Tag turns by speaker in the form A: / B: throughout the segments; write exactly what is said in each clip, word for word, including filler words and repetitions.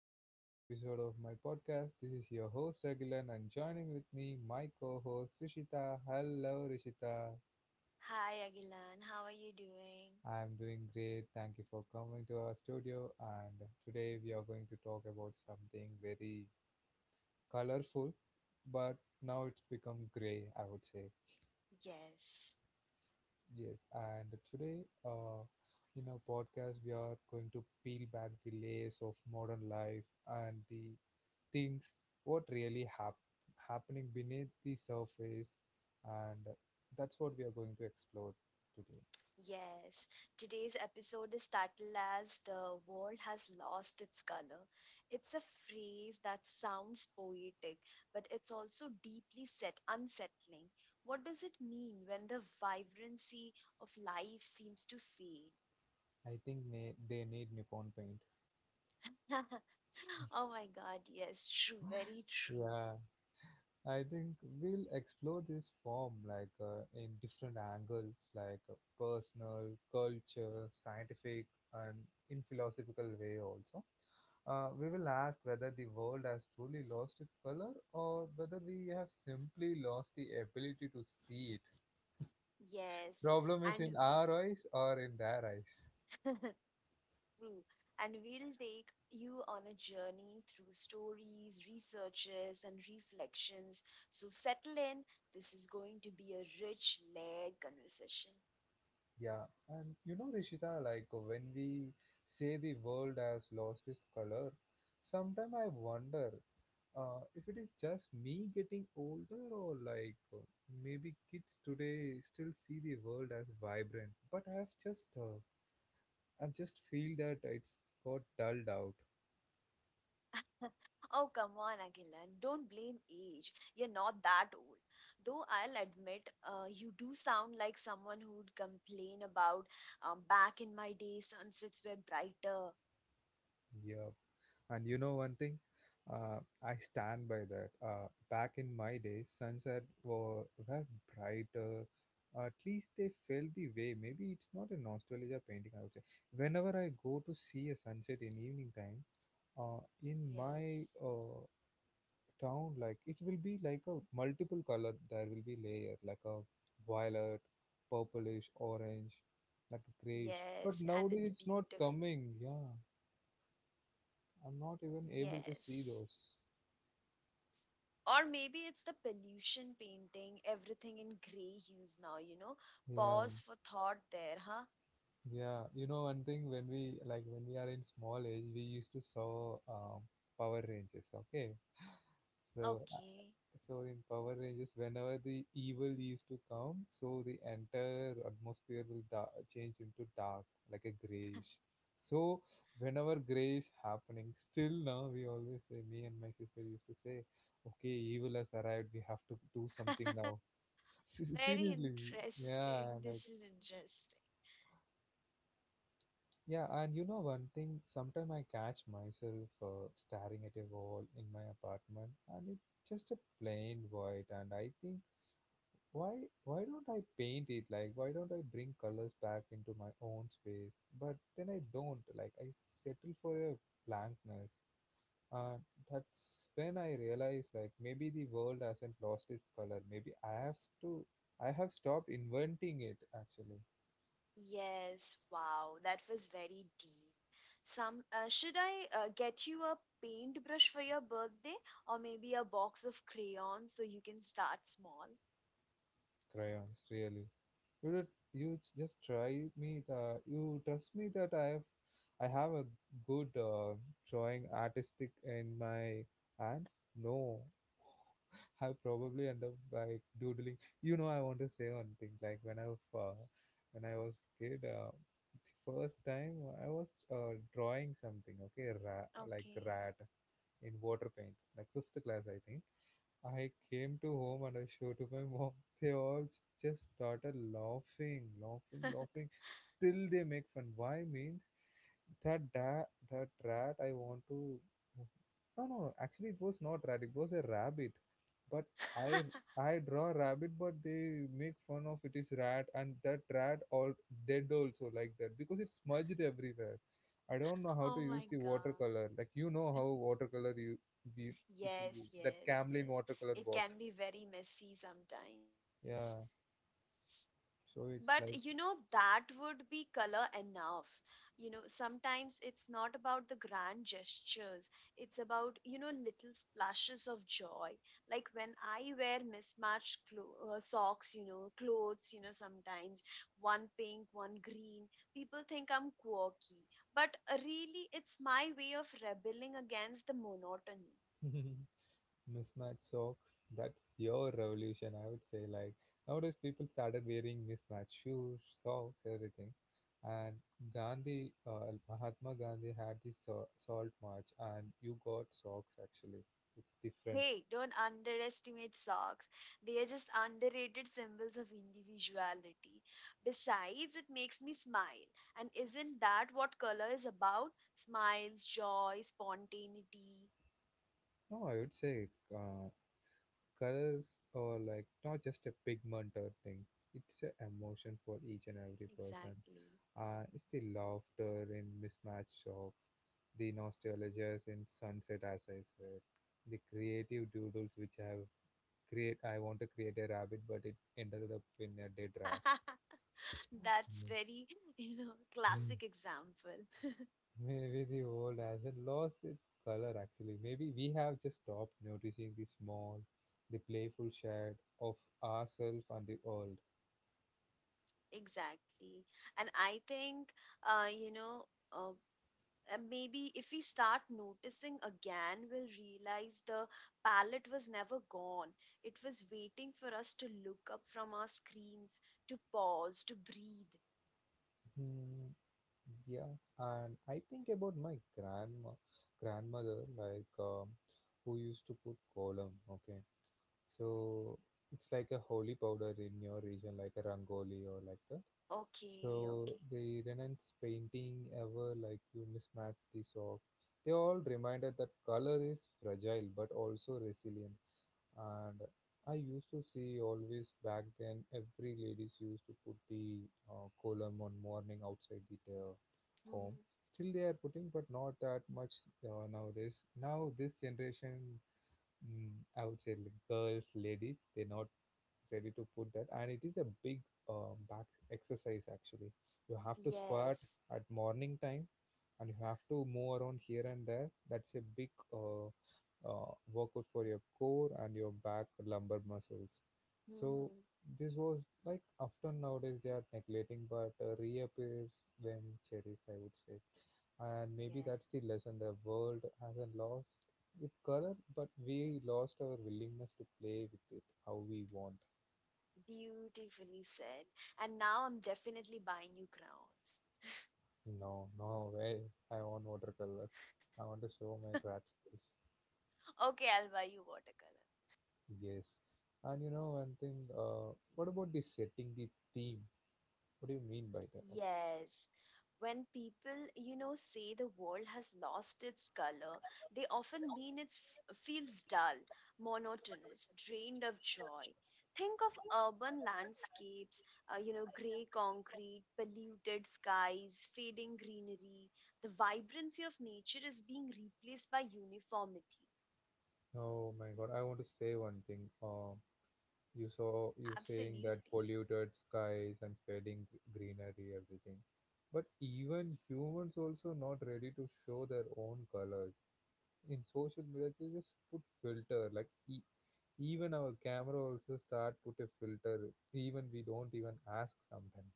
A: to the another episode of my podcast. This is your host Agilan and joining with me my co-host Rishita. Hello Rishita.
B: Hi, Agilan. How are you doing?
A: I'm doing great. Thank you for coming to our studio and today we are going to talk about something very colorful, but now it's become gray, I would say.
B: Yes,
A: Yes, and today uh in our podcast we are going to peel back the layers of modern life and the things what really hap- happening beneath the surface, and that's what we are going to explore today.
B: yes. Today's episode is titled as The World Has Lost Its Color. It's a phrase that sounds poetic, but it's also deeply set, unsettling. What does it mean when the vibrancy of life seems to fade?
A: I think ne- they need Nippon paint.
B: Oh my God, yes, true, very true.
A: Yeah, I think we'll explore this form like, uh, in different angles, like uh, personal, culture, scientific, and in philosophical way also. Uh, we will ask whether the world has truly lost its color or whether we have simply lost the ability to see it.
B: Yes,
A: Problem is
B: and,
A: in our eyes or in their eyes.
B: true. And we'll take you on a journey through stories, researches, and reflections. So settle in. This is going to be a rich, layered conversation.
A: Yeah, and you know Rishita, like when we say the world has lost its color, sometimes I wonder uh, if it is just me getting older, or like uh, maybe kids today still see the world as vibrant, but i've just uh, I've just feel that it's got dulled out.
B: Oh, come on, Agilan. Don't blame age. You're not that old. Though I'll admit, uh, you do sound like someone who'd complain about um, back in my day, sunsets were brighter.
A: Yeah. And you know one thing? Uh, I stand by that. Uh, back in my days, sunset were, were brighter. At least they felt the way. Maybe it's not a nostalgia painting, I would say. Whenever I go to see a sunset in evening time, uh, in my
B: Yes.
A: uh, town, like it will be like a multiple color. There will be layer like a violet, purplish, orange, like a grayish. But
B: Yes. And it's
A: nowadays it's not
B: beautiful.
A: coming. Yeah. I'm not even able to see
B: Yes.
A: those.
B: Or maybe it's the pollution painting everything in gray hues now, you know.
A: Yeah,
B: Pause for thought there, huh?
A: yeah. You know, one thing, when we like when we are in small age, we used to saw um, Power Rangers. Okay, so, uh,
B: Okay.
A: so in Power Rangers, whenever the evil used to come, so the entire atmosphere will da- change into dark, like a grayish. So whenever gray is happening, still now we always say, me and my sister used to say, okay, evil has arrived. We have to do something now. Se-
B: Very
A: Seriously, yeah,
B: interesting.
A: like.
B: This is interesting.
A: Yeah, and you know one thing, sometimes I catch myself uh, staring at a wall in my apartment, and it's just a plain white, and I think, why why don't I paint it, like why don't I bring colors back into my own space? But then I don't, like I settle for a blankness. And that's when I realize, like maybe the world hasn't lost its color. Maybe I have to I have stopped inventing it actually.
B: Yes, wow, that was very deep. Some uh, Should I uh, get you a paintbrush for your birthday or maybe a box of crayons so you can start small?
A: Crayons, really. You did, you j- just try me. The you trust me that I have I have a good uh, drawing artistic in my hands. No, I probably end up like doodling. You know, I want to say one thing. Like when I was uh, when I was kid, uh, first time I was uh, drawing something. Okay, ra- like
B: Okay.
A: rat in water paint, like fifth class, I think. I came to home and I showed to my mom. They all s- just started laughing, laughing, laughing. Still, they make fun. Why means that da- that rat I want to. No, no, no. Actually, it was not rat. It was a rabbit. But I I draw rabbit, but they make fun of it is rat, and that rat all dead also like that because it's smudged everywhere. I don't know how to
B: Oh
A: use
B: my
A: the
B: God.
A: watercolor. Like you know how watercolor, you you it will
B: Yes,
A: be that
B: yes,
A: Camlin
B: yes.
A: watercolor
B: It can
A: box.
B: be very messy sometimes.
A: Yeah,
B: But
A: so it's
B: you know,
A: like.
B: that would be color enough. You know, sometimes it's not about the grand gestures, it's about, you know, little splashes of joy. Like when I wear mismatched clo- uh, socks, you know, clothes, you know, sometimes one pink, one green, people think I'm quirky. But uh, really, it's my way of rebelling against the monotony.
A: Mismatched socks. That's your revolution, I would say. Like nowadays, people started wearing mismatched shoes, socks, everything. And Gandhi, uh, Mahatma Gandhi had this so- salt march, and you got socks actually. It's different.
B: Hey, don't underestimate socks. They are just underrated symbols of individuality. Besides, it makes me smile. And isn't that what color is about? Smiles, joy, spontaneity.
A: No, I would say uh, colors are like not just a pigment or things. It's an emotion for each and every person.
B: Exactly.
A: Uh, it's the laughter in mismatched shocks, the nostalgia in sunset, as I said, the creative doodles which have create. I want to create a rabbit, but it ended up in a dead rat.
B: That's very, you know,
A: Mhm.
B: classic example.
A: Maybe the world hasn't lost its color actually. Maybe we have just stopped noticing the small, the playful shade of ourselves and the world.
B: Exactly. And I think, uh, you know, uh, uh, maybe if we start noticing again, we'll realize the palette was never gone. It was waiting for us to look up from our screens, to pause, to breathe.
A: Hmm. Yeah, and I think about my grandma, grandmother, like um, who used to put kolam. Okay, so it's like a holy powder in your region, like a rangoli or like that.
B: Okay,
A: So
B: okay.
A: the Renan's painting ever, like you mismatch this off. They all reminded that color is fragile but also resilient. And I used to see always back then, every ladies used to put the uh, column on morning outside the uh, home.
B: Mhm.
A: Still they are putting, but not that much uh, nowadays. Now this generation, mm, I would say like girls, ladies, they not ready to put that. And it is a big uh, back exercise actually. You have to squat
B: Yes.
A: at morning time, and you have to move around here and there. That's a big uh, uh, workout for your core and your back lumbar muscles. So
B: Hmm.
A: this was like often nowadays they are neglecting, but uh, reappears when cherished, I would say. And maybe that's the
B: Yes.
A: lesson. The world hasn't lost its color, but we lost our willingness to play with it how we want.
B: Beautifully said. And now I'm definitely buying you crowns.
A: No, no way. I want watercolor. I want to show my rat skills.
B: Okay, I'll buy you watercolor.
A: Yes. And you know one thing, uh, what about the setting, the theme? What do you mean by that actually?
B: Yes. When people, you know, say the world has lost its color, they often mean it feels dull, monotonous, drained of joy. Think of urban landscapes, uh, you know, gray concrete, polluted skies, fading greenery. The vibrancy of nature is being replaced by uniformity.
A: Oh my God, I want to say one thing. Uh, you saw, you saying that
B: Absolutely.
A: polluted skies and fading gr- greenery, everything. But even humans also not ready to show their own colors. In social media, they just put filter like e even our camera also start put a filter. Even we don't even ask sometimes.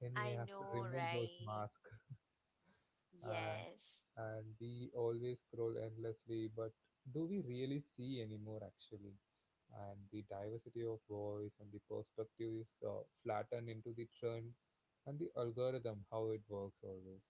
A: Then we
B: I
A: have to
B: know,
A: remove those
B: right?
A: masks. Uh,
B: Yes.
A: and we always scroll endlessly. But do we really see anymore actually? And the diversity of voice and the perspective is uh, flattened into the trend and the algorithm how it works always.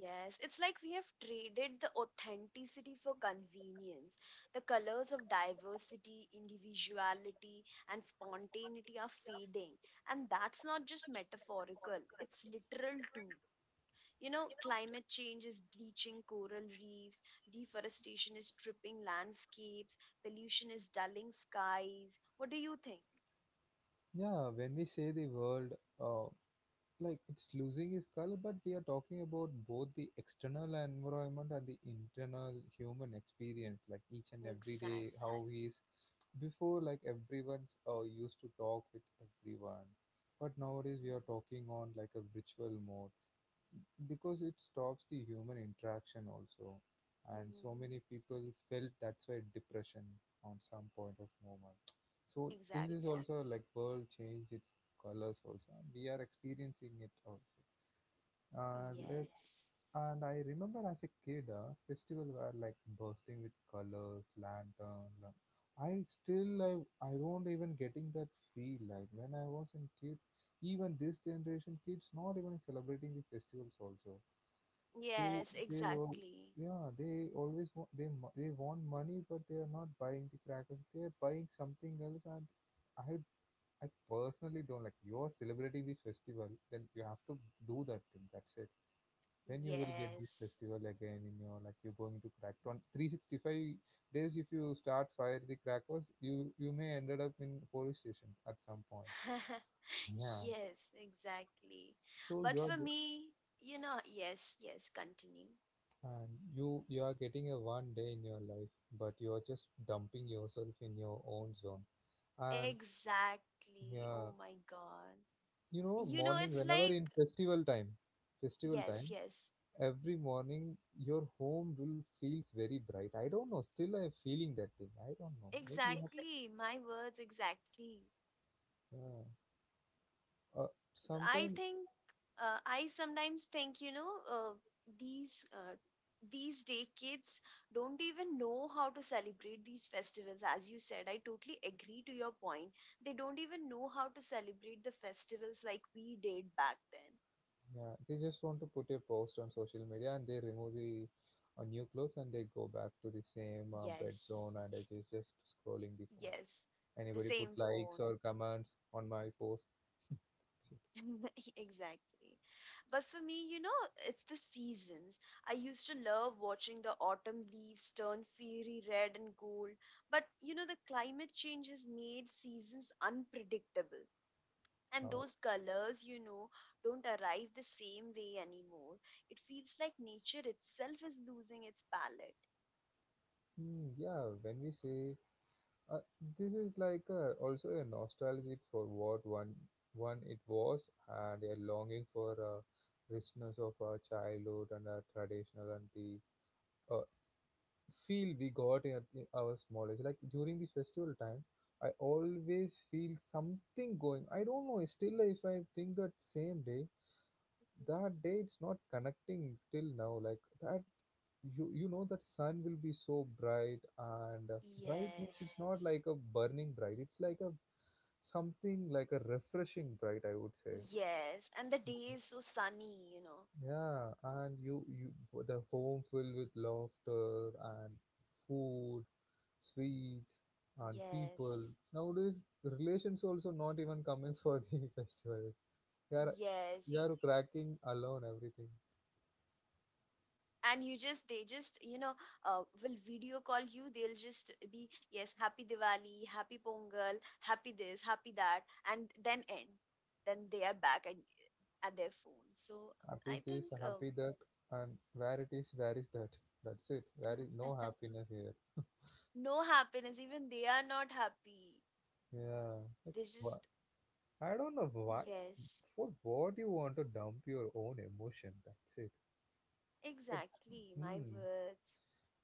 B: Yes, it's like we have traded the authenticity for convenience. The colors of diversity, individuality, and spontaneity are fading. And that's not just metaphorical, it's literal too. You know, climate change is bleaching coral reefs, deforestation is stripping landscapes, pollution is dulling skies. What do you think?
A: Yeah, when we say the world, uh, like it's losing its color, but we are talking about both the external environment and the internal human experience, like each and every day
B: Exactly.
A: how he is before. Like everyone's uh, used to talk with everyone, but nowadays we are talking on like a virtual mode, because it stops the human interaction also. And so
B: Mm-hmm.
A: many people felt that's why depression on some point of moment. So this is
B: Exactly.
A: also like world change its colors also, and we are experiencing it also. Uh, let
B: Yes.
A: And I remember as a kid, uh, festival were like bursting with colors, lantern la- i still I, I don't even getting that feel like when I was in kid. Even this generation kids not even celebrating the festivals also. They
B: Yes,
A: they all
B: exactly.
A: Yeah, they always want, they mo- they want money, but they are not buying the crackers. They are buying something else, and I I personally don't like. You are celebrating the festival, then you have to do that thing. That's it. Then you will get this
B: Yes.
A: festival again in your, like you're going to crack on three hundred sixty-five days. If you start fire the crackers, you you may ended up in police station at some point. Yeah.
B: Yes, exactly.
A: So
B: But
A: you are
B: for me, you know, yes, yes, continue.
A: And you you are getting a one day in your life, but you are just dumping yourself in your own zone. And
B: Exactly. Oh
A: yeah,
B: my God.
A: you know,
B: You know,
A: morning
B: it's
A: whenever
B: like,
A: in festival time, festival
B: yes,
A: time,
B: yes,
A: every morning your home will feels very bright. I don't know. Still, I'm feeling that thing. I don't know. Maybe you have.
B: exactly. My words, exactly.
A: Exactly. Yeah. Uh,
B: I
A: sometime,
B: think uh, I sometimes think you know uh, these uh, these day kids don't even know how to celebrate these festivals. As you said, I totally agree to your point. They don't even know how to celebrate the festivals like we did back then.
A: yeah, they just want to put a post on social media, and they remove the uh, new clothes, and they go back to the same uh, bed
B: Yes,
A: zone, and I just just scrolling the phone.
B: yes, the
A: Anybody put
B: same phone.
A: likes or comments on my post?
B: Exactly. But for me, you know, it's the seasons. I used to love watching the autumn leaves turn fiery red and gold. But, you know, the climate change has made seasons unpredictable. And
A: Oh,
B: those colors, you know, don't arrive the same way anymore. It feels like nature itself is losing its palette.
A: hmm, yeah, when we say uh, this is like a, also a nostalgic for what one one it was, and a longing for uh, richness of our childhood and our traditional and the uh, feel we got at the- our small age. Like during the festival time, I always feel something going. I don't know. Still, if I think that same day, that day it's not connecting still now. Like that you you know that sun will be so bright. And uh, bright means it's
B: Yes,
A: not like a burning bright, it's like a something like a refreshing bright, I would say.
B: yes, and the day is so sunny, you know.
A: Yeah, and you you the home filled with laughter and food, sweets, and people.
B: Yes,
A: Nowadays, relations also not even coming for the festival. they are
B: yes.
A: they are cracking alone everything.
B: And you just they just you know uh, will video call you. They'll just be, yes, happy Diwali, happy Pongal, happy this, happy that, and then end, then they are back at, at their phone. So
A: Happy
B: I
A: is
B: think
A: happy that, and where it is, where is that. That's it. There is no
B: uh,
A: happiness here.
B: no happiness, even they are not happy.
A: Yeah. Like,
B: They
A: wha-
B: just,
A: I don't know why.
B: yes,
A: For what you want to dump your own emotion. That's it. Like,
B: exactly my
A: hmm.
B: words.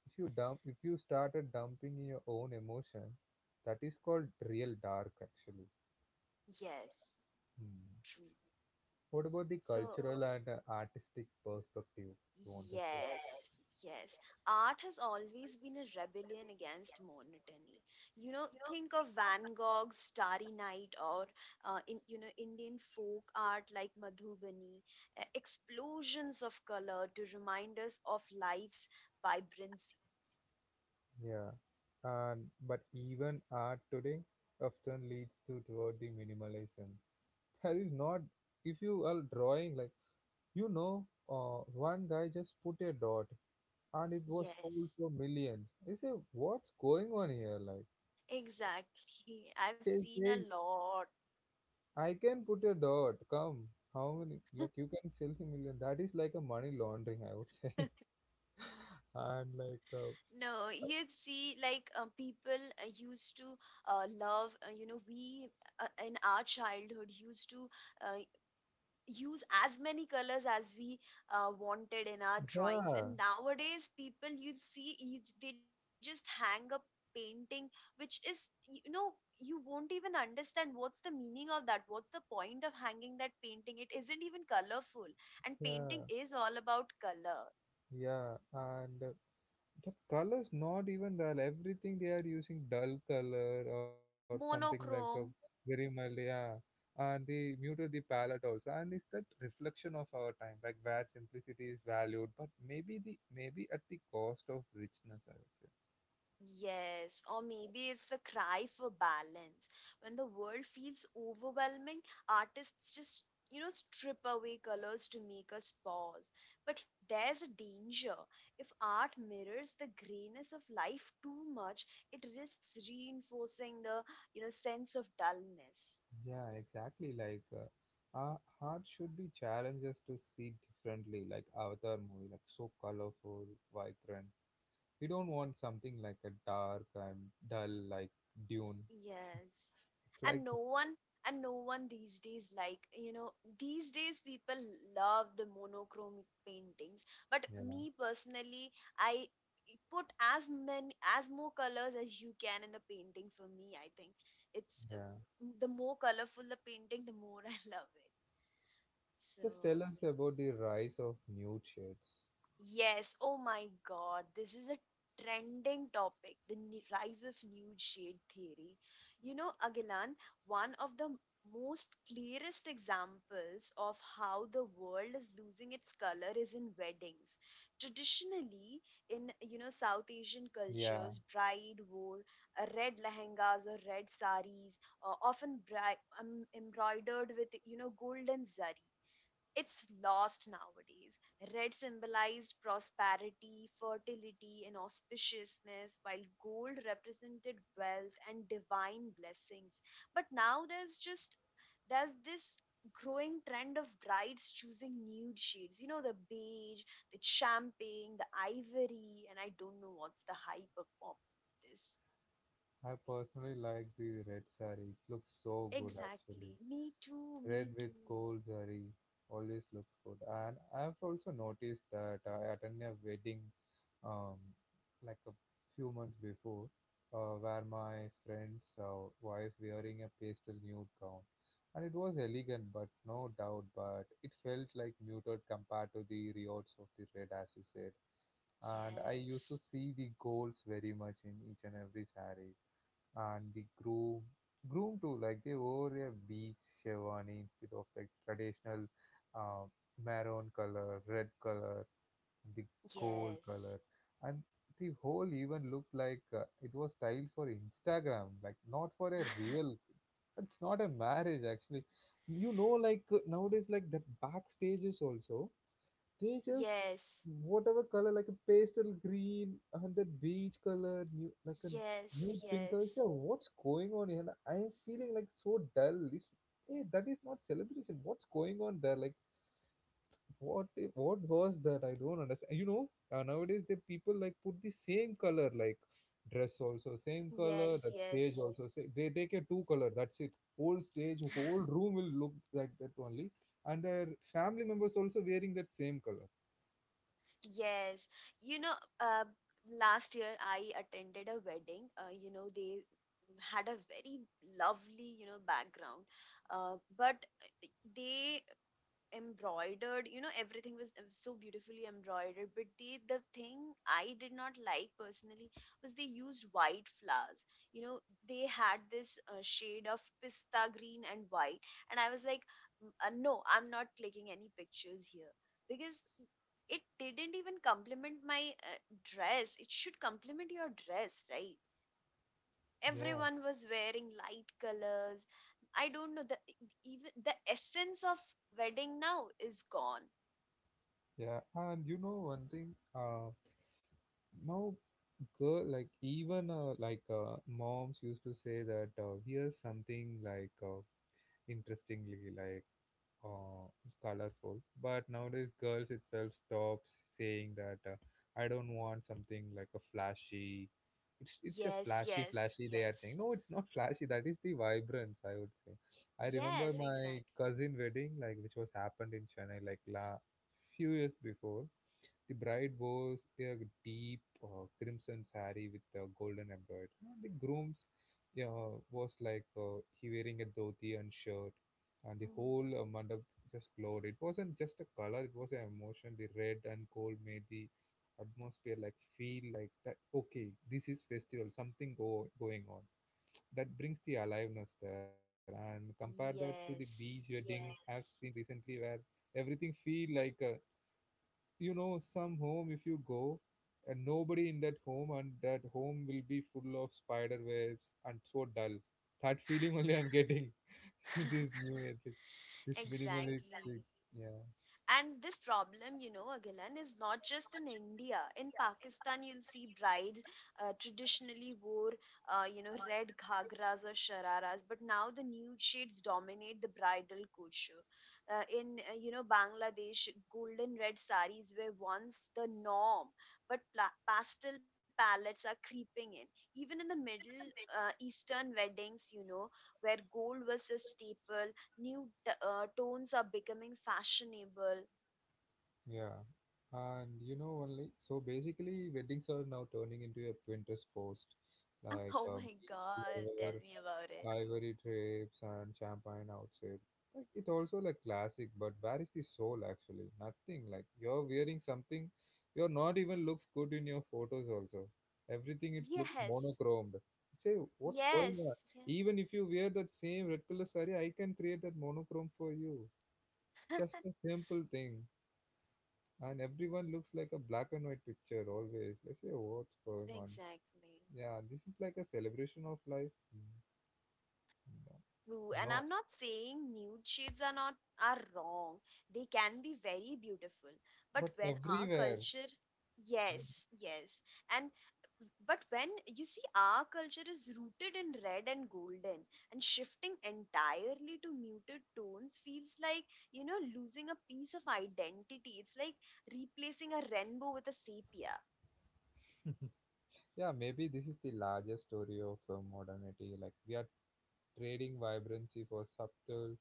A: If you dump, if you started dumping your own emotion, that is called real dark actually.
B: Yes,
A: Hmm.
B: true.
A: What about the
B: So
A: cultural and uh, artistic perspective? You want to say?
B: yes, yes. Art has always been a rebellion against monotony. You know, think of Van Gogh's Starry Night, or uh, in you know Indian folk art like Madhubani, uh, explosions of color to remind us of life's vibrancy.
A: Yeah, and but even art today often leads to toward the minimalism. That is not if you are drawing like you know, uh, one guy just put a dot and it was sold
B: Yes,
A: for millions. I say, what's going on here? Like
B: exactly. I've
A: they
B: seen a
A: say
B: lot.
A: I can put a dot. Come, how many? Like you can sell a million. That is like a money laundering, I would say. And like,
B: No,
A: uh,
B: you'd see like uh, people uh, used to uh, love, uh, you know, we uh, in our childhood used to uh, use as many colors as we uh, wanted in our drawings.
A: yeah,
B: And nowadays, people you'd see you, they just hang up painting, which is, you know, you won't even understand what's the meaning of that. What's the point of hanging that painting? It isn't even colorful. And painting
A: yeah,
B: is all about color.
A: yeah, and. Uh, the colors not even dull, everything they are using dull color or something like a
B: Monochrome.
A: very mild, yeah, and they muted the palette also, and it's that reflection of our time like where simplicity is valued, but maybe the maybe at the cost of richness, I would say.
B: Yes, or maybe it's the cry for balance. When the world feels overwhelming, artists just, you know, strip away colors to make us pause. But there's a danger. If art mirrors the grayness of life too much, it risks reinforcing the, you know, sense of dullness.
A: Yeah, exactly, like uh, our heart should be challenged us to see differently, like Avatar movie, like so colorful, vibrant. We don't want something like a dark and dull, like Dune.
B: Yes.
A: It's like,
B: And no one and no one these days, like, you know, these days people love the monochromic paintings. But
A: yeah.
B: me personally, I put as many as more colors as you can in the painting for me, I think. It's uh,
A: Yeah.
B: the more colorful the painting, the more I love it.
A: Just
B: So
A: tell us about the rise of nude shades.
B: yes, oh my God, this is a trending topic, the n- rise of nude shade theory. You know, Agilan, one of the m- most clearest examples of how the world is losing its color is in weddings. Traditionally, in you know South Asian
A: Yeah,
B: cultures, bride wore uh, red lehengas or red saris, uh, often bri- um, embroidered with you know golden zari it's lost nowadays. Red symbolized prosperity, fertility, and auspiciousness, while gold represented wealth and divine blessings. But now there's just there's this growing trend of brides choosing nude shades. You know, the beige, the champagne, the ivory, and I don't know what's the hype of of this.
A: I personally like the red sari. It looks so good actually.
B: Exactly. Me too,
A: Red
B: me
A: with
B: too.
A: gold sari always looks good. And I've also noticed that I attended a wedding, um like a few months before, uh, where my friend's uh, wife wearing a pastel nude gown, and it was elegant, but no doubt, but it felt like muted compared to the riots of the red as you said, and I used to
B: Yes.
A: see the goals very much in each and every saree. And the groom, groom too, like they wore a beige sherwani instead of like traditional uh, maroon color, red color, the gold
B: Yes.
A: color, and the whole even looked like uh, it was styled for Instagram, like not for a real. It's not a marriage actually. You know, like uh, nowadays, like that backstages also, they just
B: Yes.
A: whatever color, like a pastel green, and that beige color, new like a
B: Yes,
A: nude pink color.
B: yes,
A: So what's going on here? Like, I am feeling like so dull. It's, hey, that is not celebration. What's going on there? Like what? i- What was that? I don't understand. You know, uh, nowadays the people like put the same color, like dress also same color,
B: yes,
A: that stage
B: yes, yes.
A: also. sa- They take a two color. That's it. Whole stage, whole room will look like that only, and their family members also wearing that same color.
B: Yes, you know, uh, last year I attended a wedding. Uh, you know, they had a very lovely, you know, background, uh, but they embroidered you know everything was uh, so beautifully embroidered, but the the thing I did not like personally was they used white flowers. You know, they had this uh, shade of pista green and white, and I was like, "Mm, uh, no, I'm not clicking any pictures here because it didn't even complement my uh, dress. It should complement your dress, right?
A: Yeah.
B: Everyone was wearing light colors. I don't know, the even the essence of wedding now is gone."
A: Yeah, and you know one thing, uh, now girl like, even uh, like uh, moms used to say that, uh, here's something like uh, interestingly like uh, colorful, but nowadays girls itself stops saying that, uh, I don't want something like a flashy, it's it's a
B: Yes,
A: flashy
B: yes,
A: flashy they are saying,
B: yes.
A: no it's not flashy, that is the vibrance, I would say. I remember
B: Yes,
A: my
B: exactly.
A: cousin wedding like which was happened in Chennai, like la few years before. The bride wore a deep uh, crimson saree with a golden embroidery. And the groom's, yeah, was like uh, he wearing a dhoti and shirt, and the
B: Mhm.
A: whole uh, mandap just glowed. It wasn't just a color; it was an emotion. The red and gold made the atmosphere like feel like that. Okay, this is festival. Something go going on, that brings the aliveness there. And compare that to the beach
B: Yes,
A: wedding I've seen recently, where everything feel like uh, you know some home if you go. And nobody in that home, and that home will be full of spider webs and so dull. That feeling only I'm getting. This new ethic, this
B: exactly.
A: minimalistic, yeah,
B: And this problem, you know, Agilan, is not just in India. In Pakistan, you'll see brides uh, traditionally wore, uh, you know, red ghagras or shararas, but now the nude shades dominate the bridal couture. Uh, in uh, you know, Bangladesh, golden red saris were once the norm, but pla- pastel palettes are creeping in. Even in the Middle uh, Eastern weddings, you know, where gold was a staple, new t- uh, tones are becoming fashionable.
A: yeah. And you know, only so basically, weddings are now turning into a Pinterest post, like
B: Oh
A: a
B: my
A: beach
B: God,
A: flower,
B: tell me about it.
A: ivory trips and champagne outside. Like it also like classic, but where is the soul actually? Nothing. Like you're wearing something, you're not even looks good in your photos also. Everything it's looks
B: Yes,
A: monochromed. Say what's going on?
B: yes,
A: Even
B: yes.
A: if you wear that same red color saree, I can create that monochrome for you. Just a simple thing, and everyone looks like a black and white picture always. Like, say what's going on?
B: Exactly.
A: Yeah, this is like a celebration of life. Mm, no.
B: True, and
A: No.
B: I'm not saying nude shades are not are wrong. They can be very beautiful. But
A: But
B: when our
A: everywhere.
B: culture,
A: And,
B: yes, yes. And but when you see our culture is rooted in red and golden and shifting entirely to muted tones feels like, you know, losing a piece of identity. It's like replacing a rainbow with a sepia.
A: yeah, maybe this is the largest story of uh, modernity. Like we are trading vibrancy for subtle,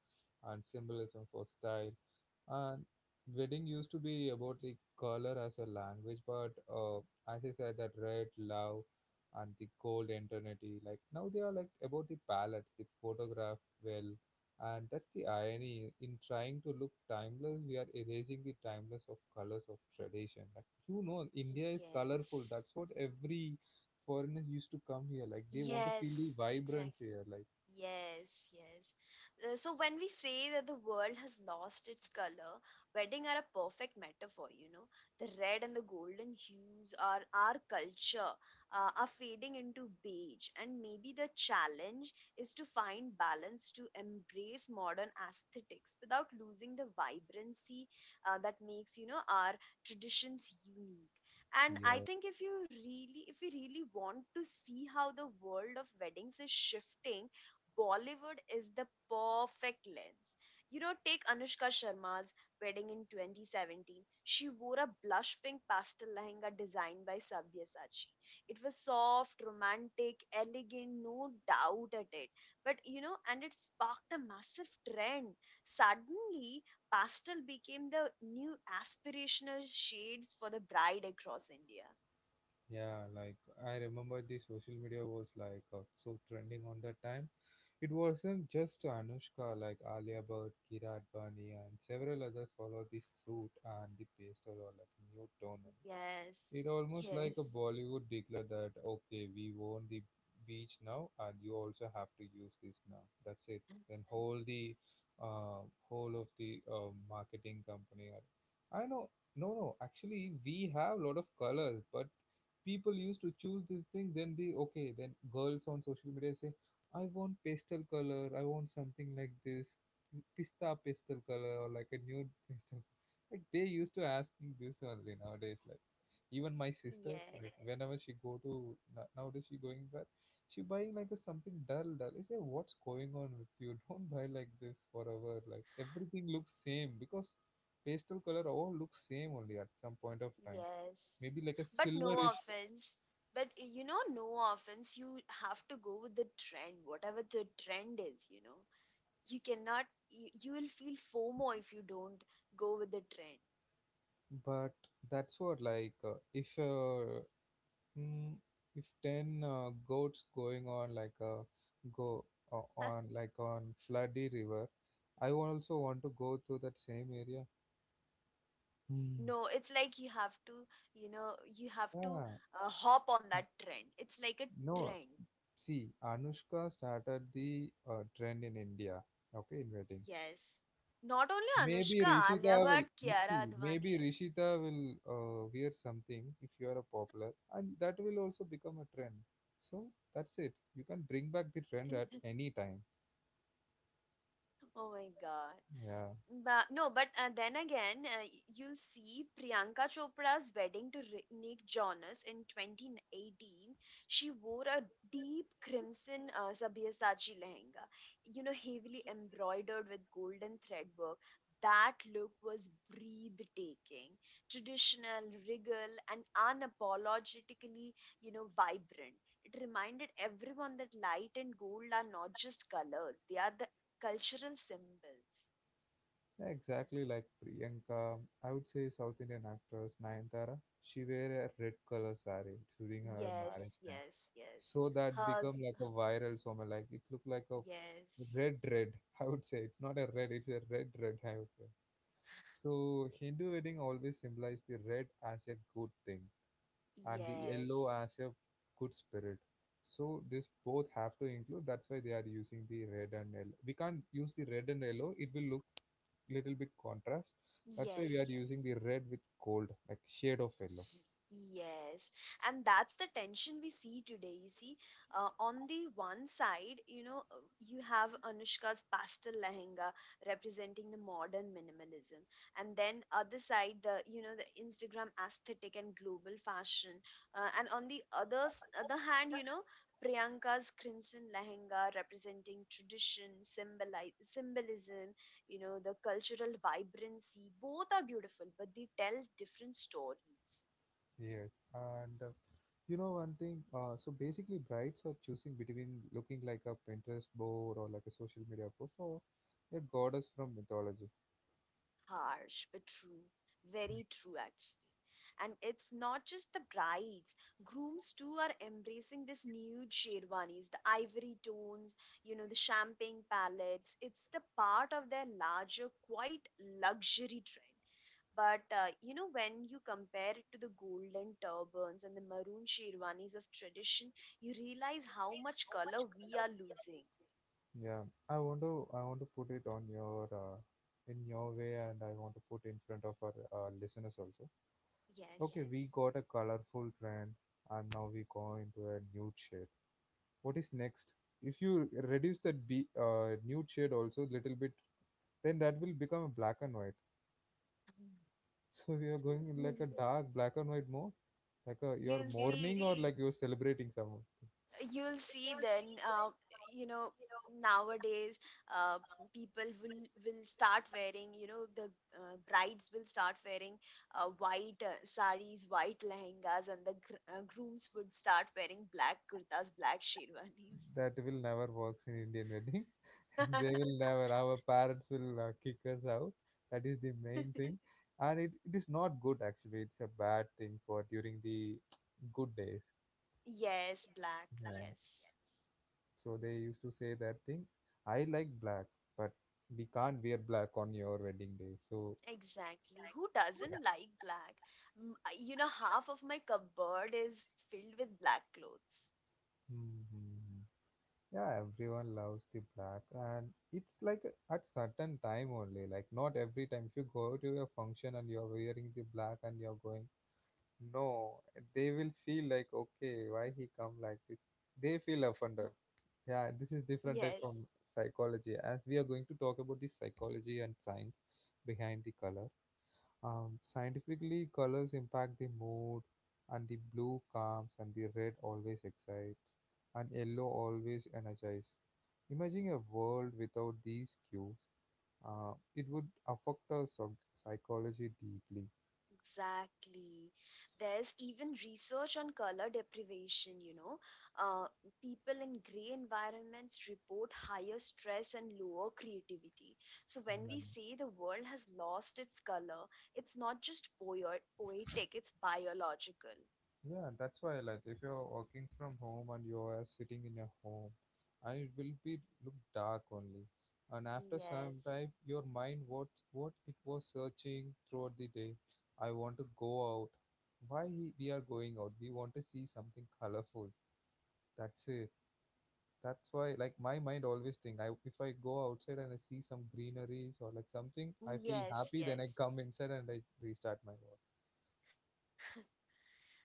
A: and symbolism for style. And wedding used to be about the color as a language, but uh, as I said, that red love and the cold eternity. Like now they are like about the palettes, the photograph well, and that's the irony in trying to look timeless. We are erasing the timeless of colors of tradition. Like, you know, India is colorful.
B: Yes.
A: That's what every foreigners used to come here. Like they want to feel the
B: Yes,
A: vibrancy
B: exactly.
A: here. Like,
B: Yes, yes. Uh, so when we say that the world has lost its color, wedding are a perfect metaphor, you know. The red and the golden hues are our culture uh, are fading into beige, and maybe the challenge is to find balance to embrace modern aesthetics without losing the vibrancy uh, that makes, you know, our traditions unique. And I
A: yeah,
B: think if you really, if you really want to see how the world of weddings is shifting Bollywood is the perfect lens. You know, take Anushka Sharma's wedding in twenty seventeen. She wore a blush pink pastel lehenga designed by Sabyasachi. It was soft, romantic, elegant, no doubt at it. But you know, and it sparked a massive trend. Suddenly, pastel became the new aspirational shades for the bride across India.
A: yeah, like I remember the social media was like uh, so trending on that time. It wasn't just Anushka, like Alia Bhatt, Kira Advani, and several others followed the suit and the pastel or like new tone.
B: Yes,
A: It almost like a
B: yes,
A: Bollywood declared that, okay, we own the beach now, and you also have to use this now. That's it. Then whole the uh, whole of the uh, marketing company. or- I know, no, no. Actually, we have a lot of colors, but people used to choose this thing, then the okay, then girls on social media say, I want pastel color, I want something like this, pista pastel color or like a nude pastel, like they used to ask me this only nowadays. Like even my sister,
B: yes.
A: like whenever she go to, no- nowadays she going back, she buying like a something dull dull. I say, what's going on with you? Don't buy like this forever, like everything looks same, because pastel color all looks same only at some point of time,
B: Yes.
A: maybe like a
B: But no
A: silverish.
B: offense. But uh, you know, no offense. You have to go with the trend, whatever the trend is, you know. You cannot, you, you will feel FOMO if you don't go with the trend.
A: But that's what, like uh, if uh, mm, if ten uh, goats going on like a go uh, on, like on floody river, I also want to go through that same area. Hmm.
B: No, it's like you have to, you know, you have to
A: Yeah,
B: uh, hop on
A: n-
B: that trend. It's like a
A: no.
B: trend.
A: See, Anushka started the uh, trend in India. Okay, in weddings.
B: Yes. Not only
A: Maybe
B: Anushka,
A: Rishita
B: Alia
A: will
B: Bhatt, Kiara
A: see. Maybe
B: Advani.
A: Rishita will uh, wear something if you are a popular, and that will also become a trend. So that's it. You can bring back the trend at any time.
B: Oh my God.
A: Yeah,
B: But no, but uh, then again, uh, y- you'll see Priyanka Chopra's wedding to Ri- Nick Jonas in twenty eighteen. She wore a deep crimson uh, Sabyasachi lehenga, you know, heavily embroidered with golden thread work. That look was breathtaking, traditional, regal, and unapologetically, you know, vibrant. It reminded everyone that light and gold are not just colors, they are the cultural symbols.
A: yeah, exactly like Priyanka. I would say South Indian actress Nayanthara. She wear a red color saree during her
B: Yes,
A: marriage time,
B: yes, yes.
A: so that become
B: Hus,
A: like a viral somewhere. Like it look like a
B: yes,
A: red red. I would say it's not a red. It's a red red, I would say. So Hindu wedding always symbolize the red as a good thing, and the yellow
B: yes,
A: as a good spirit. So this both have to include. That's why they are using the red and yellow. We can't use the red and yellow. It will look little bit contrast. That's why we are
B: yes, yes.
A: using the red with gold, like shade of yellow.
B: Yes, and that's the tension we see today. You see, uh, on the one side, you know, uh, you have Anushka's pastel lehenga representing the modern minimalism, and then other side, the you know the Instagram aesthetic and global fashion, uh, and on the other s- other hand, you know, Priyanka's crimson lehenga representing tradition, symboli symbolism, you know, the cultural vibrancy. Both are beautiful, but they tell different stories.
A: Yes, and uh, you know one thing. Uh, so basically, brides are choosing between looking like a Pinterest board or like a social media post or a goddess from mythology.
B: Harsh, but true. Very true, actually. And it's not just the brides, grooms too are embracing this nude sherwanis, the ivory tones, you know, the champagne palettes. It's the part of their larger, quite luxury trend. But, uh, you know, when you compare it to the golden turbans and the maroon sherwanis of tradition, you realize how much color we are losing.
A: Yeah, I want to I want to put it on your uh, in your way, and I want to put in front of our uh, listeners also. Okay,
B: Yes.
A: we, yes, got a colorful trend, and now we go into a nude shade. What is next? If you reduce that be uh, nude shade also little bit, then that will become a black and white. So we are going in like a dark black and white mode, like a, you're, yes,
B: You'll see
A: mourning, or see, like you're celebrating something.
B: you'll see then uh, you know nowadays uh, people will will start wearing you know the uh, brides will start wearing uh, white uh, saris, white lehengas, and the gr- uh, grooms would start wearing black kurtas, black sherwanis.
A: That will never works in Indian wedding. They will never, our parents will uh, kick us out, that is the main thing, and it, it is not good actually, it's a bad thing for during the good days,
B: Yes, black.
A: yeah,
B: Yes,
A: so they used to say that thing. I like black, but we can't wear black on your wedding day, so,
B: exactly, who
A: yeah.
B: doesn't like black? M- you know, half of my cupboard is filled with black clothes.
A: Mhm. Yeah, everyone loves the black, and it's like, a- at certain time only. Like not every time. If you go to a function and you're wearing the black and you're going, no, they will feel like, okay, why he come like this? They feel offended. Yeah, this is different type
B: Yes,
A: from psychology. As we are going to talk about the psychology and science behind the color. Um, scientifically, colors impact the mood, and the blue calms, and the red always excites, and yellow always energizes. Imagine a world without these cues. Uh, it would affect our psych- psychology deeply.
B: exactly. There's even research on color deprivation, you know. Uh, People in gray environments report higher stress and lower creativity. So when
A: Yeah.
B: we say the world has lost its color, it's not just poet poetic, it's biological.
A: Yeah, that's why like if you're working from home and you're sitting in your home and it will be look dark only. And after some time
B: Yes.
A: your mind what what it was searching throughout the day. I want to go out. Why he- we are going out? We want to see something colorful. That's it. That's why like my mind always think I if I go outside and I see some greeneries or like something, I feel happy, then I
B: Yes,
A: come
B: yes.
A: inside and I restart my work.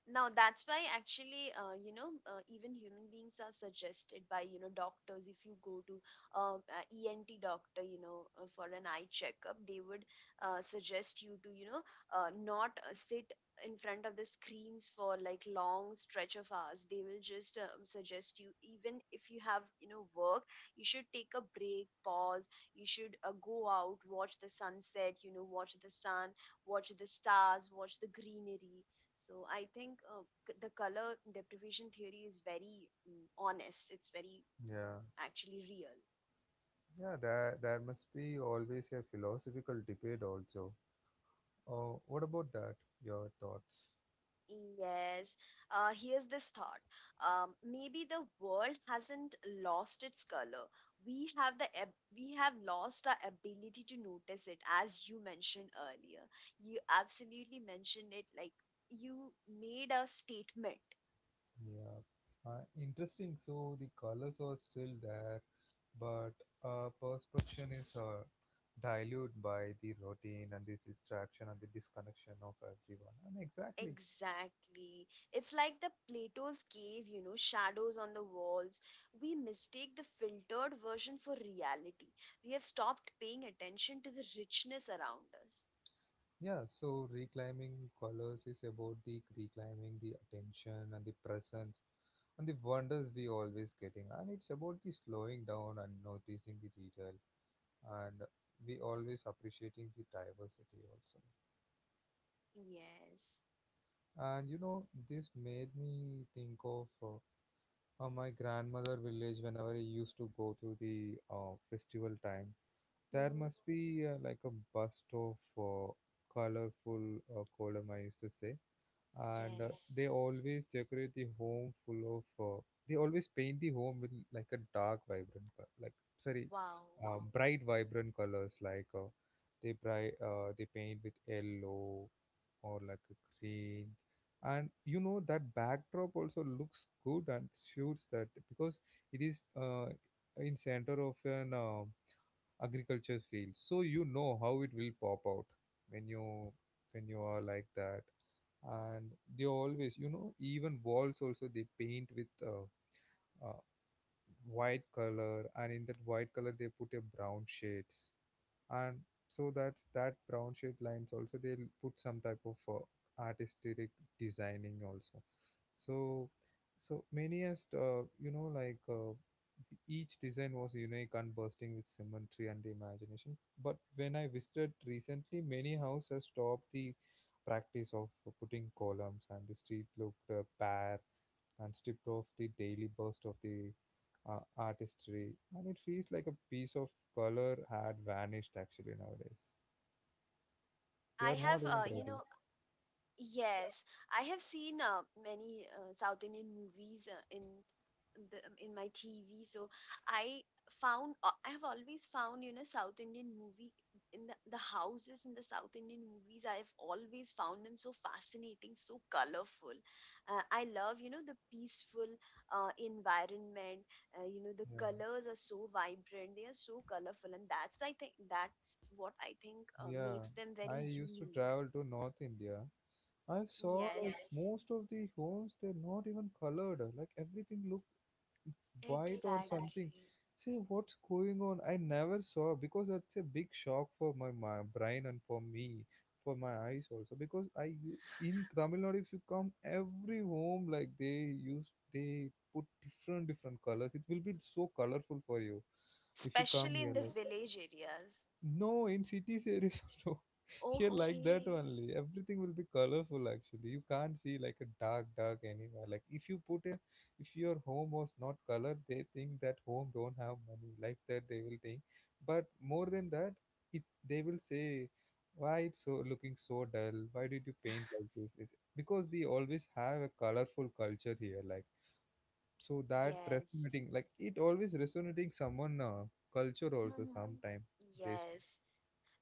B: Now that's why actually, uh, you know, uh, even human beings are suggested by you know doctors. If you go to uh, a E N T doctor, you know, uh, for an eye checkup, they would uh, suggest you to you know uh, not uh, sit in front of the screens for like long stretch of hours. They will just um, suggest you, even if you have you know work, you should take a break, pause. You should uh, go out, watch the sunset, you know, watch the sun, watch the stars, watch the greenery. So I think uh, c- the color deprivation theory is very mm, honest. It's very
A: Yeah.
B: actually real.
A: Yeah, there, there must be always a philosophical debate also. Oh, what about that? Your thoughts?
B: Yes. Uh, here's this thought. Um, maybe the world hasn't lost its color. We have the ab- we have lost our ability to notice it, as you mentioned earlier. You absolutely mentioned it. Like you made a statement.
A: Yeah, uh, interesting. So the colors are still there, but uh, perception is uh, diluted by the routine and the distraction and the disconnection of everyone. And exactly.
B: Exactly. It's like the Plato's cave, you know, shadows on the walls. We mistake the filtered version for reality. We have stopped paying attention to the richness around us.
A: Yeah, so reclaiming colors is about the reclaiming the attention and the presence and the wonders we always getting, and it's about the slowing down and noticing the detail and we always appreciating the diversity also.
B: Yes.
A: And you know this made me think of uh, uh, my grandmother village. Whenever I used to go to the uh, festival time, there
B: Hmm.
A: must be uh, like a bust of uh, colorful uh, column I used to say. And uh,
B: Yes.
A: they always decorate the home full of uh, they always paint the home with like a dark vibrant color, like sorry,
B: Wow.
A: uh, bright vibrant colors, like uh, they bright uh, they paint with yellow or like a green. And you know that backdrop also looks good and suits that because it is uh, in center of an uh, agriculture field, so you know how it will pop out when you when you are like that. And they always you know even walls also they paint with uh, uh, white color, and in that white color they put a brown shades. And so that that brown shade lines also they put some type of uh, artistic designing also. So so many, as uh, you know, like uh, each design was unique and bursting with symmetry and the imagination. But when I visited recently, many houses stopped the practice of putting columns, and the street looked uh, bare and stripped of the daily burst of the uh, artistry. And it feels like a piece of color had vanished actually nowadays.
B: I
A: They
B: have,
A: are
B: uh,
A: not
B: you
A: even
B: know,
A: ready.
B: yes, I have seen uh, many uh, South Indian movies uh, in the um, in my T V. So I found uh, I have always found you know South Indian movie in the, the houses in the South Indian movies. I have always found them so fascinating, so colorful. Uh, I love you know the peaceful uh, environment. Uh, you know, the
A: Yeah,
B: colors are so vibrant. They are so colorful, and that's I think that's what I think uh,
A: yeah.
B: makes them
A: I
B: very
A: used to
B: unique.
A: travel to North India. I saw like, yes,
B: Yes.
A: most of the homes they're not even colored. Like everything look white or something.
B: Exactly.
A: Say, what's going on? I never saw, because that's a big shock for my, my brain and for me, for my eyes also. Because I u- in Tamil Nadu, if you come, every home like they use they put different different colors. It will be so colorful for you if you come
B: Especially
A: here.
B: in the
A: Like
B: village areas.
A: no, in cities there is also here, like that
B: Okay.
A: only. Everything will be colorful. Actually, you can't see like a dark, dark anywhere. Like if you put a, if your home was not colored, they think that home don't have money. Like that, they will think. But more than that, it they will say, why it's so looking so dull? Why did you paint like this? It's because we always have a colorful culture here. Like so that
B: Yes.
A: resonating, like it always resonating someone uh, culture also sometime based.
B: Yes.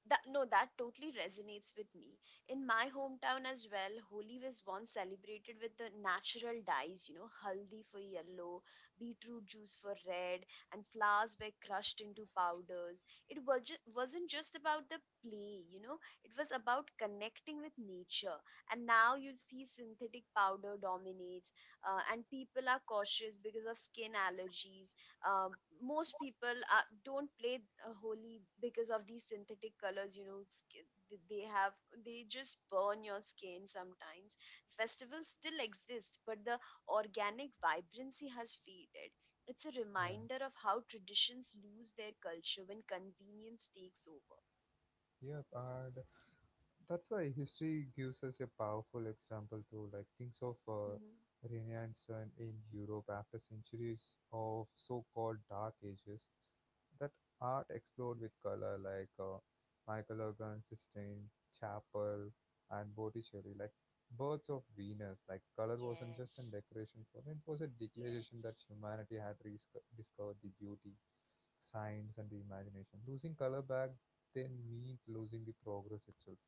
B: That no that totally resonates with me. In my hometown as well, holi was once celebrated with the natural dyes, you know, haldi for yellow, beetroot juice for red, and flowers were crushed into powders. It was ju- wasn't just about the play, you know, it was about connecting with nature. And now you see synthetic powder dominates, uh, and people are cautious because of skin allergies. um, Most people are, don't play uh, holy because of these synthetic colors, you know, sk- th- they have, they just burn your skin sometimes. Festivals still exist, but the organic vibrancy has faded. It's a
A: Yeah.
B: reminder of how traditions lose their culture when convenience takes over.
A: Yep. And that's why history gives us a powerful example, to like things of uh,
B: Mhm.
A: Renaissance in Europe after centuries of so-called dark ages, that art explored with color like uh, Michelangelo, Sistine Chapel and Botticelli, like Birds of Venus. Like color wasn't just a
B: Yes.
A: decoration for them; it was a declaration that humanity had resco- discovered the beauty, science and the imagination. Losing color back then meant losing the progress itself.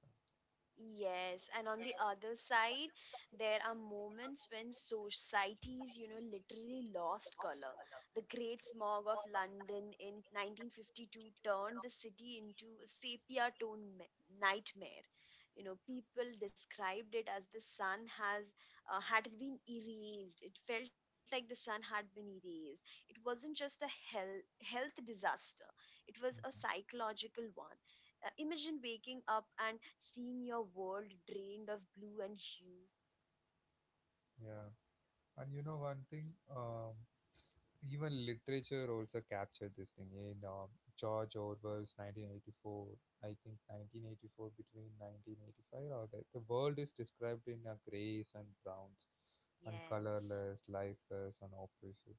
B: Yes, and on the other side, there are moments when societies, you know, literally lost color. The Great Smog of London in nineteen fifty-two turned the city into a sepia tone nightmare. You know, people described it as the sun has uh, had been erased. It felt like the sun had been erased. It wasn't just a health health disaster; it was a psychological one. Uh, imagine waking up and seeing your world drained of blue and hue.
A: Yeah, and you know one thing, um, even literature also captured this thing in uh, George Orwell's nineteen eighty-four. I think nineteen eighty-four between nineteen eighty-five, or that the world is described in a grays and browns and
B: Yes.
A: colorless, lifeless, and oppressive.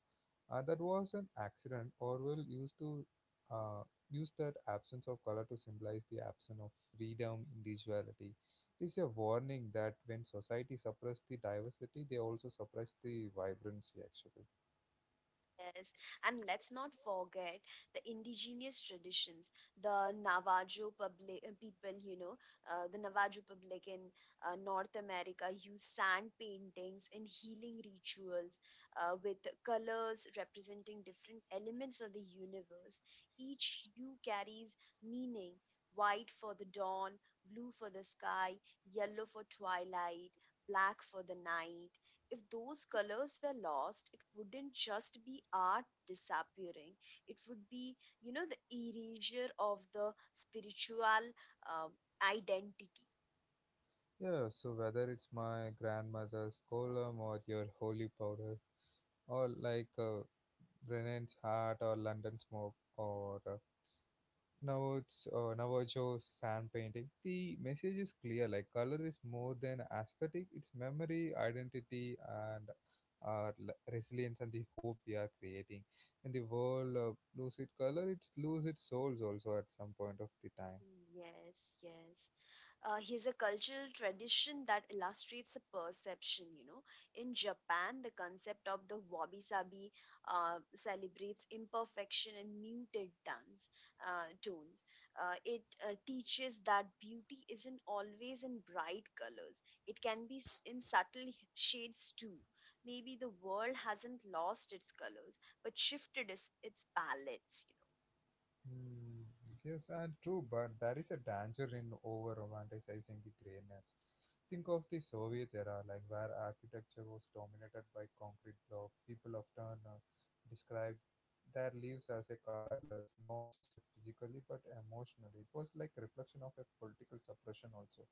A: Uh, that was an accident. Orwell used to uh, use that absence of color to symbolize the absence of freedom, individuality. This is a warning that when society suppress the diversity, they also suppress the vibrancy. Actually,
B: Yes, and let's not forget the indigenous traditions, the Navajo public, uh, people, you know, uh, the Navajo public in uh, North America use sand paintings in healing rituals uh, with colors representing different elements of the universe. Each hue carries meaning: white for the dawn, blue for the sky, yellow for twilight, black for the night. If those colors were lost, it wouldn't just be art disappearing. It would be, you know, the erasure of the spiritual um, identity.
A: yeah, so whether it's my grandmother's column or your holy powder, or like uh, Brennan's hat or London smoke or uh, Navajo's uh, Navajo's sand painting, the message is clear. Like color is more than aesthetic; it's memory, identity, and our l- resilience and the hope we are creating. When the world uh, lose its color, it lose its souls also at some point of the time.
B: Yes, yes. Uh, here's a cultural tradition that illustrates a perception, you know. In Japan, the concept of the wabi-sabi uh, celebrates imperfection and muted tones. Uh, tones. Uh, it uh, teaches that beauty isn't always in bright colors. It can be s- in subtle h- shades too. Maybe the world hasn't lost its colors, but shifted its, its palettes, you
A: Hmm. Yes, and true, but there is a danger in over romanticizing the grayness. Think of the Soviet era, like where architecture was dominated by concrete block. People often uh, describe their lives as a colorless, not just a physically but emotionally. It was like a reflection of a political suppression also.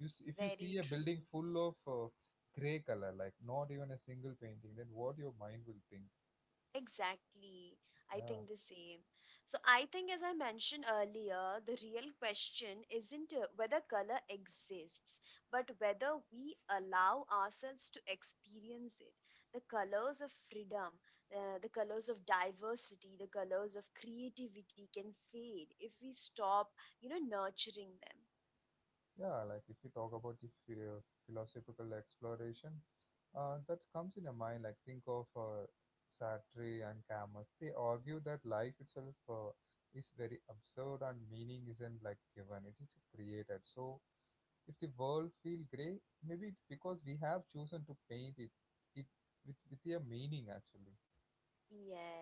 A: You, s-
B: know.
A: if you
B: Very
A: see a building
B: true.
A: full of uh, gray color, like not even a single painting, then what your mind will think?
B: Exactly. I
A: Yeah.
B: think the same. So, I think, as I mentioned earlier, the real question isn't uh, whether color exists, but whether we allow ourselves to experience it. The colors of freedom, uh, the colors of diversity, the colors of creativity can fade if we stop, you know, nurturing them.
A: Yeah, like if you talk about the phi- philosophical exploration, uh, that comes in a mind. Like think of uh, Sartre and Camus. They argue that life itself uh, is very absurd, and meaning isn't like given. It is created. So if the world feel grey, maybe it's because we have chosen to paint it it with with a meaning actually.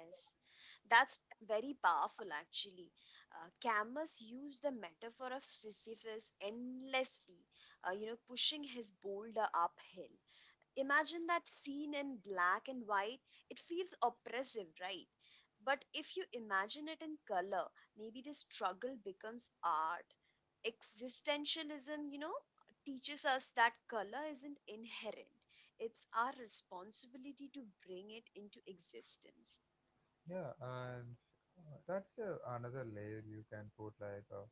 B: Yes, that's very powerful actually. Uh, Camus used the metaphor of Sisyphus endlessly, uh, you know, pushing his boulder uphill. Imagine that scene in black and white. It feels oppressive, right? But if you imagine it in color, maybe the struggle becomes art. Existentialism, you know, teaches us that color isn't inherent, it's our responsibility to bring it into existence.
A: Yeah, and uh, that's uh, another layer you can put like. Uh,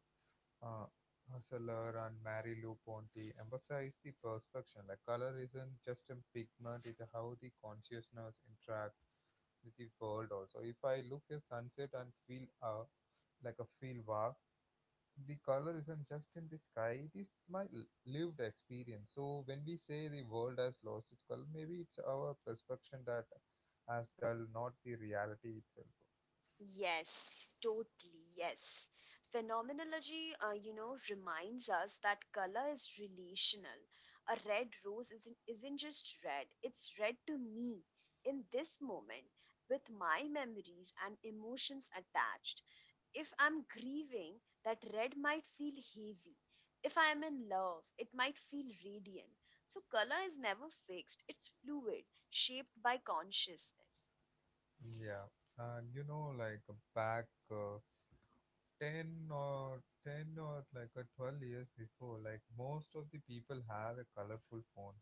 A: Uh, Hustler and Mary-Lou Ponty emphasize the perception, like color isn't just a pigment, it's how the consciousness interacts with the world also. If I look at sunset and feel uh, like a feel wow, the color isn't just in the sky, it is my l- lived experience. So when we say the world has lost its color, maybe it's our perception that has dull, not the reality itself.
B: Yes, totally. Yes. Phenomenology, uh, you know, reminds us that color is relational. A red rose isn't, isn't just red, it's red to me in this moment with my memories and emotions attached. If I'm grieving, that red might feel heavy. If I am in love, it might feel radiant. So, color is never fixed, it's fluid, shaped by consciousness.
A: Yeah, and you know, like back uh, ten or ten or like a twelve years before, like most of the people have a colorful phone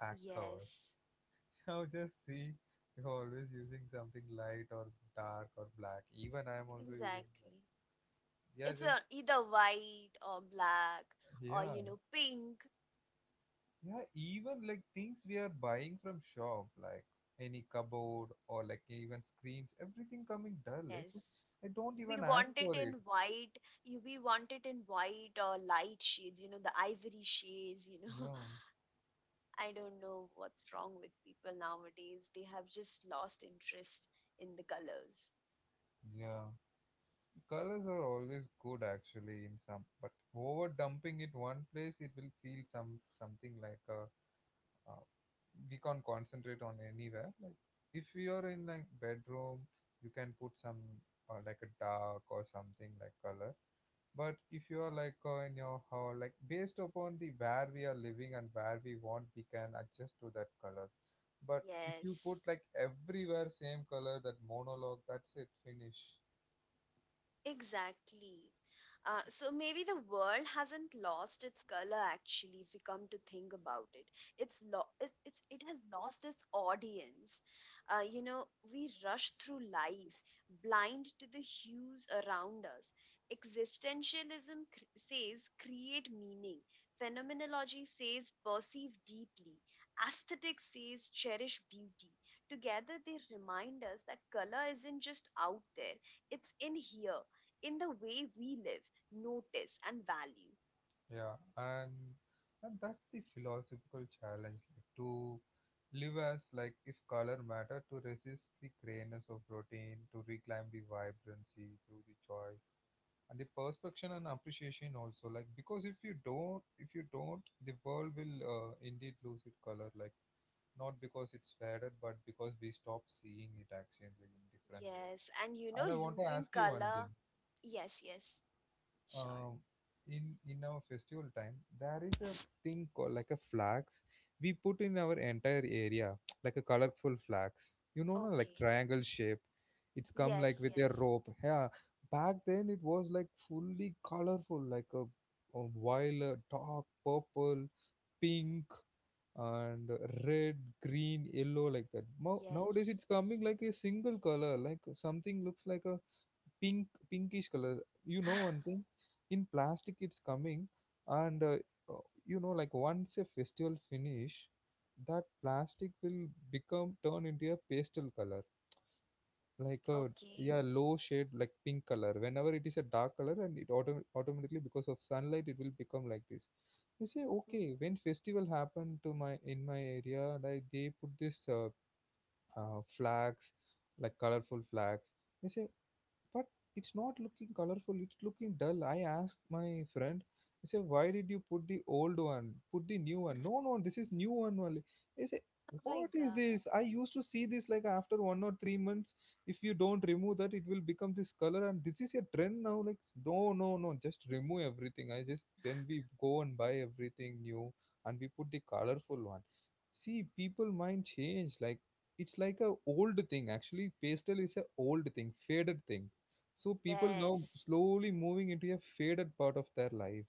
A: pack cover.
B: Yes,
A: Now just see, you're always using something light or dark or black. Even I'm also using that.
B: exactly.
A: Yeah,
B: It's
A: just.
B: a either white or black, or
A: Yeah,
B: you know, pink.
A: yeah. Even like things we are buying from shop, like any cupboard or like even screens, everything coming dull. It's just,
B: Yes,
A: I don't
B: we
A: even ask
B: want it
A: for
B: in
A: it.
B: white. You, we want it in white or light shades, you know, the ivory shades, you know.
A: Yeah,
B: I don't know what's wrong with people nowadays, they have just lost interest in the colors.
A: yeah. Colors are always good actually in some, but over dumping it one place, it will feel some something, like a uh, we can't concentrate on anywhere. Like if you're in like bedroom, you can put some uh, like a dark or something like color. But if you are like uh, in your how, like based upon the where we are living and where we want, we can adjust to that colors. But if you put
B: Yes,
A: like everywhere same color, that monologue, that's it, finish.
B: exactly. Uh, so maybe the world hasn't lost its color actually, if we come to think about it. It's lo- it, it's it has lost its audience. Uh, you know, we rush through life blind to the hues around us. Existentialism cr- says create meaning. Phenomenology says perceive deeply. Aesthetics says cherish beauty. Together they remind us that color isn't just out there, it's in here, in the way we live, notice, and value.
A: Yeah, and and that's the philosophical challenge, like to live as like if color matter, to resist the grayness of routine, to reclaim the vibrancy through the choice and the perspection and appreciation also. Like because if you don't, if you don't, the world will uh, indeed lose its color. Like not because it's faded, but because we stop seeing it actually in different way.
B: Yes, and you know,
A: And I want to
B: losing
A: ask you one thing.
B: color. Yes, yes, sure.
A: um, in in our festival time there is a thing called like a flags we put in our entire area, like a colorful flags, you know. No, like
B: Okay.
A: triangle shape, it's come like
B: Yes,
A: with a
B: yes,
A: rope, yeah. Back then it was like fully colorful, like a, a violet, dark purple, pink and red, green, yellow, like that. Mo- nowadays
B: yes.
A: it's coming like a single color, like something looks like a pink, pinkish color. You know one thing, in plastic it's coming, and uh, uh, you know, like once a festival finish, that plastic will become turn into a pastel color like a,
B: Okay.
A: yeah, low shade like pink color, whenever it is a dark color, and it autom- automatically because of sunlight it will become like this. They say
B: Mm.
A: okay, when festival happened to my in my area, like they put this uh, uh, flags, like colorful flags, they say. But it's not looking colorful, it's looking dull. I asked my friend, I said, why did you put the old one, put the new one. No, no, this is new one only, he said.
B: Oh my
A: What is
B: God.
A: this? I used to see this like after one or three months, if you don't remove that it will become this color, and this is a trend now. Like no, no, no, just remove everything, I just. Then we go and buy everything new, and we put the colorful one. See, people mind change. Like it's like a old thing actually, pastel is a old thing, faded thing. So people now
B: Yes.
A: slowly moving into a faded part of their life.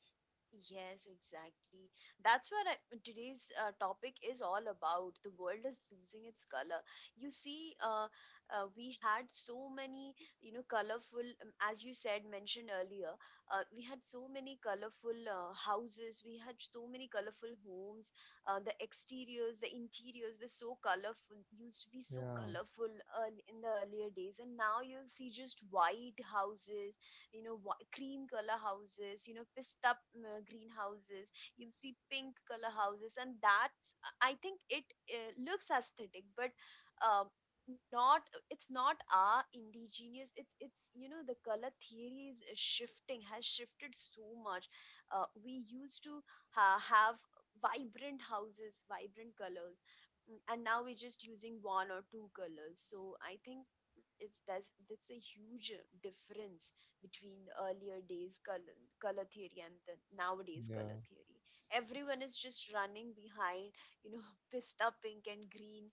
B: Yes, exactly. That's what I, today's uh, topic is all about. The world is losing its color. You see, uh, uh, we had so many, you know, colorful, um, as you said, mentioned earlier, uh, we had so many colorful uh, houses, we had so many colorful homes. Uh, the exteriors, the interiors were so colorful, used to be so
A: Yeah,
B: colorful uh, in the earlier days. And now you'll see just white houses, you know, wh- cream color houses, you know, pissed up uh, greenhouses, you'll see pink color houses. And that's uh, I think it uh, looks aesthetic, but um, not it's not our indigenous, it's it's you know, the color theory is uh, shifting has shifted so much. Uh, we used to ha- have vibrant houses, vibrant colors, mm, and now we're just using one or two colors. So I think it's that's that's a huge difference between the earlier days color, color theory and the nowadays color
A: yeah,
B: theory. Everyone is just running behind, you know, pista pink and green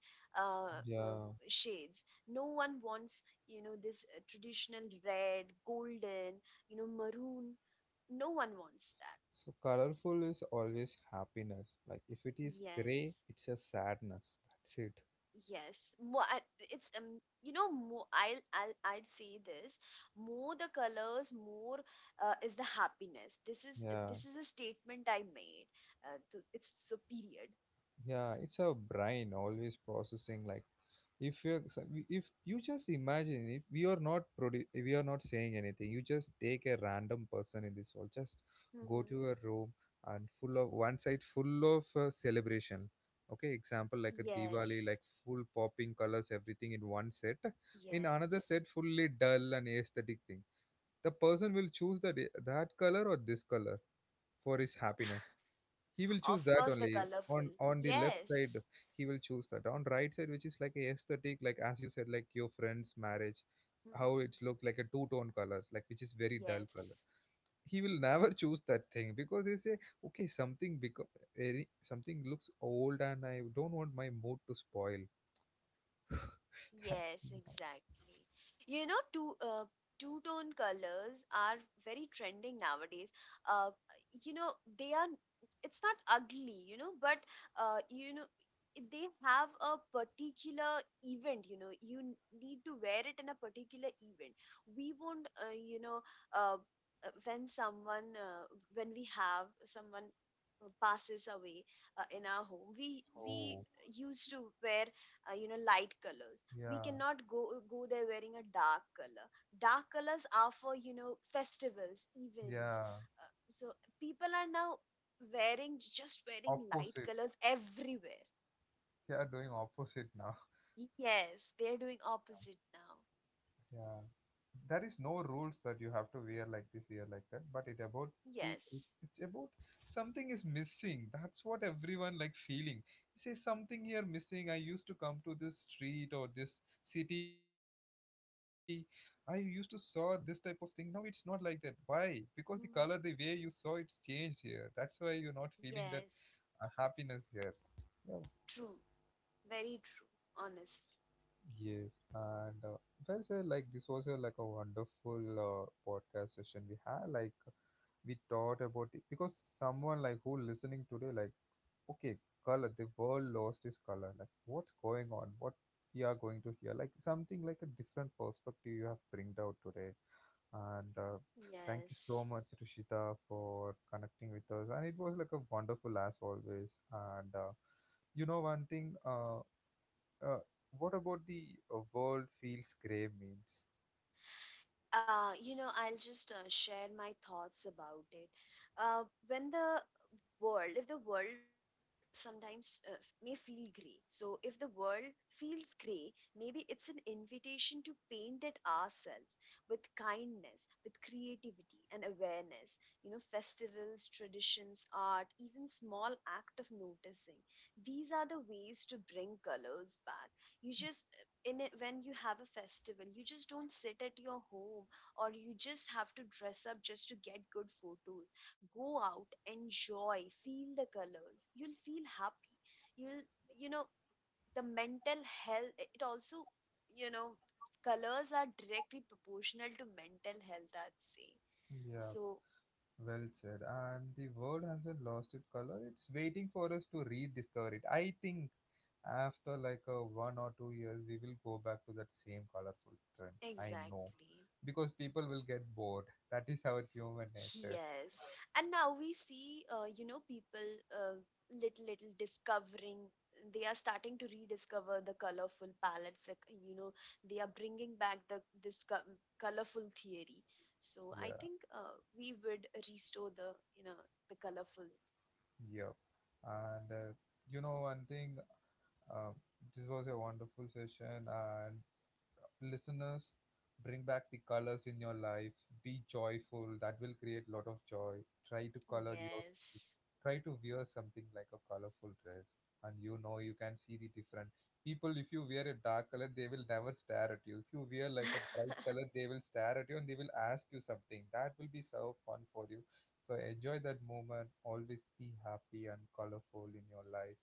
B: uh, uh,
A: yeah.
B: shades. No one wants, you know, this uh, traditional red golden, you know, maroon. No one wants that.
A: So colorful is always happiness. Like if it is gray,
B: Yes.
A: it's a sadness. That's it.
B: Yes, more I- it's um you know, more I'll I'll I'd say this: more the colors, more uh, is the happiness. This is
A: Yeah,
B: this is a statement I made. Uh, th- it's so period.
A: yeah. It's our brain always processing. Like if you if you just imagine it, we are not produ- we are not saying anything. You just take a random person in this world, just go
B: Hmm.
A: to a room and full of, one side full of uh, celebration, okay, example like a diwali,
B: Yes,
A: like full popping colors, everything in one set. In another
B: yes.
A: set, fully dull and aesthetic thing, the person will choose the, that color or this color for his happiness. He will choose
B: Of
A: that
B: course, the
A: only, on
B: colorful.
A: on the left side.
B: Yes.
A: He will choose that on right side, which is like a aesthetic, like as you said, like your friend's marriage, how
B: Mhm.
A: it's looked like a two tone colors, like which is very dull color.
B: Yes.
A: He will never choose that thing because he say, okay, something, because very something looks old and I don't want my mood to spoil.
B: Yes,
A: That's,
B: exactly. You know, two uh, two-tone colors are very trending nowadays. Uh, you know, they are. It's not ugly, you know, but uh, you know, they have a particular event. You know, you n- need to wear it in a particular event. We won't, uh, you know, uh, uh, when someone, uh, when we have someone uh, passes away uh, in our home, we we
A: oh,
B: used to wear uh, you know light colors. We
A: yeah,
B: cannot go go there wearing a dark color. Dark colors are for, you know, festivals, events,
A: yeah.
B: uh, so people are now wearing, just wearing light
A: Opposite,
B: colors everywhere.
A: they are doing opposite now.
B: Yes, they're doing opposite now.
A: Yeah. There is no rules that you have to wear like this, wear like that. But it about the it's,
B: Yes.
A: it's about something is missing. That's what everyone like feeling. Say something here missing. I used to come to this street or this city. I used to saw this type of thing. Now it's not like that. Why? Because the color, the way
B: Mhm.
A: you saw it's changed here. That's why you're not feeling that
B: Yes,
A: uh, happiness here. Yeah,
B: true, very true, honestly.
A: yes, and uh, well said. Like this was a like a wonderful uh, podcast session we had. Like we thought about it because someone like who listening today, like okay, color. The world lost its color. Like what's going on? What we are going to hear? Like something like a different perspective you have bringed out today. And uh, Thank you so
B: Yes.
A: much, Rishita, for connecting with us. And it was like a wonderful as always. And uh, You know one thing. Uh, uh, what about the uh, world feels grey memes?
B: Uh, you know, I'll just uh, share my thoughts about it. Uh, when the world, if the world sometimes uh, f- may feel gray, so if the world feels gray, maybe it's an invitation to paint it ourselves with kindness, with creativity and awareness. You know, festivals, traditions, art, even small act of noticing. These are the ways to bring colors back. You just in it, when you have a festival, you just don't sit at your home or you just have to dress up just to get good photos. Go out, enjoy, feel the colors. You'll feel happy. You'll, you know, the mental health, it also, you know, colors are directly proportional to mental health, I'd say.
A: Yeah,
B: So,
A: well said. And the world hasn't lost its color. It's waiting for us to rediscover it. I think after like a one or two years, we will go back to that same colorful trend. I know,
B: exactly.
A: because people will get bored. That is our human nature.
B: Yes, and now we see, uh, you know, people uh, little little discovering. They are starting to rediscover the colorful palettes. Like, you know, they are bringing back the this co- colorful theory. So I
A: Yeah,
B: think uh, we would restore the, you know, the colorful.
A: yeah. And uh, You know one thing. Um, this was a wonderful session, and listeners, bring back the colors in your life. Be joyful. That will create a lot of joy. Try to color your,
B: Yes.
A: try to wear something like a colorful dress, and you know you can see the different people. If you wear a dark color, they will never stare at you. If you wear like a bright
B: Thank
A: color, they will stare at you and they will ask you something. That will be so fun for you. So enjoy that moment. Always be happy and colorful in your life.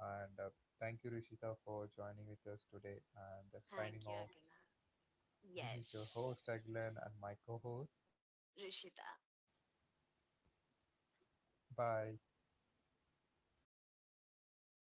A: And uh, Thank you, Rishita, for joining with us today and uh, signing
B: you,
A: off.
B: Agana.
A: This is your
B: Yes,
A: host Aguilar and my co-host Rishita.
B: Rishita.
A: Bye.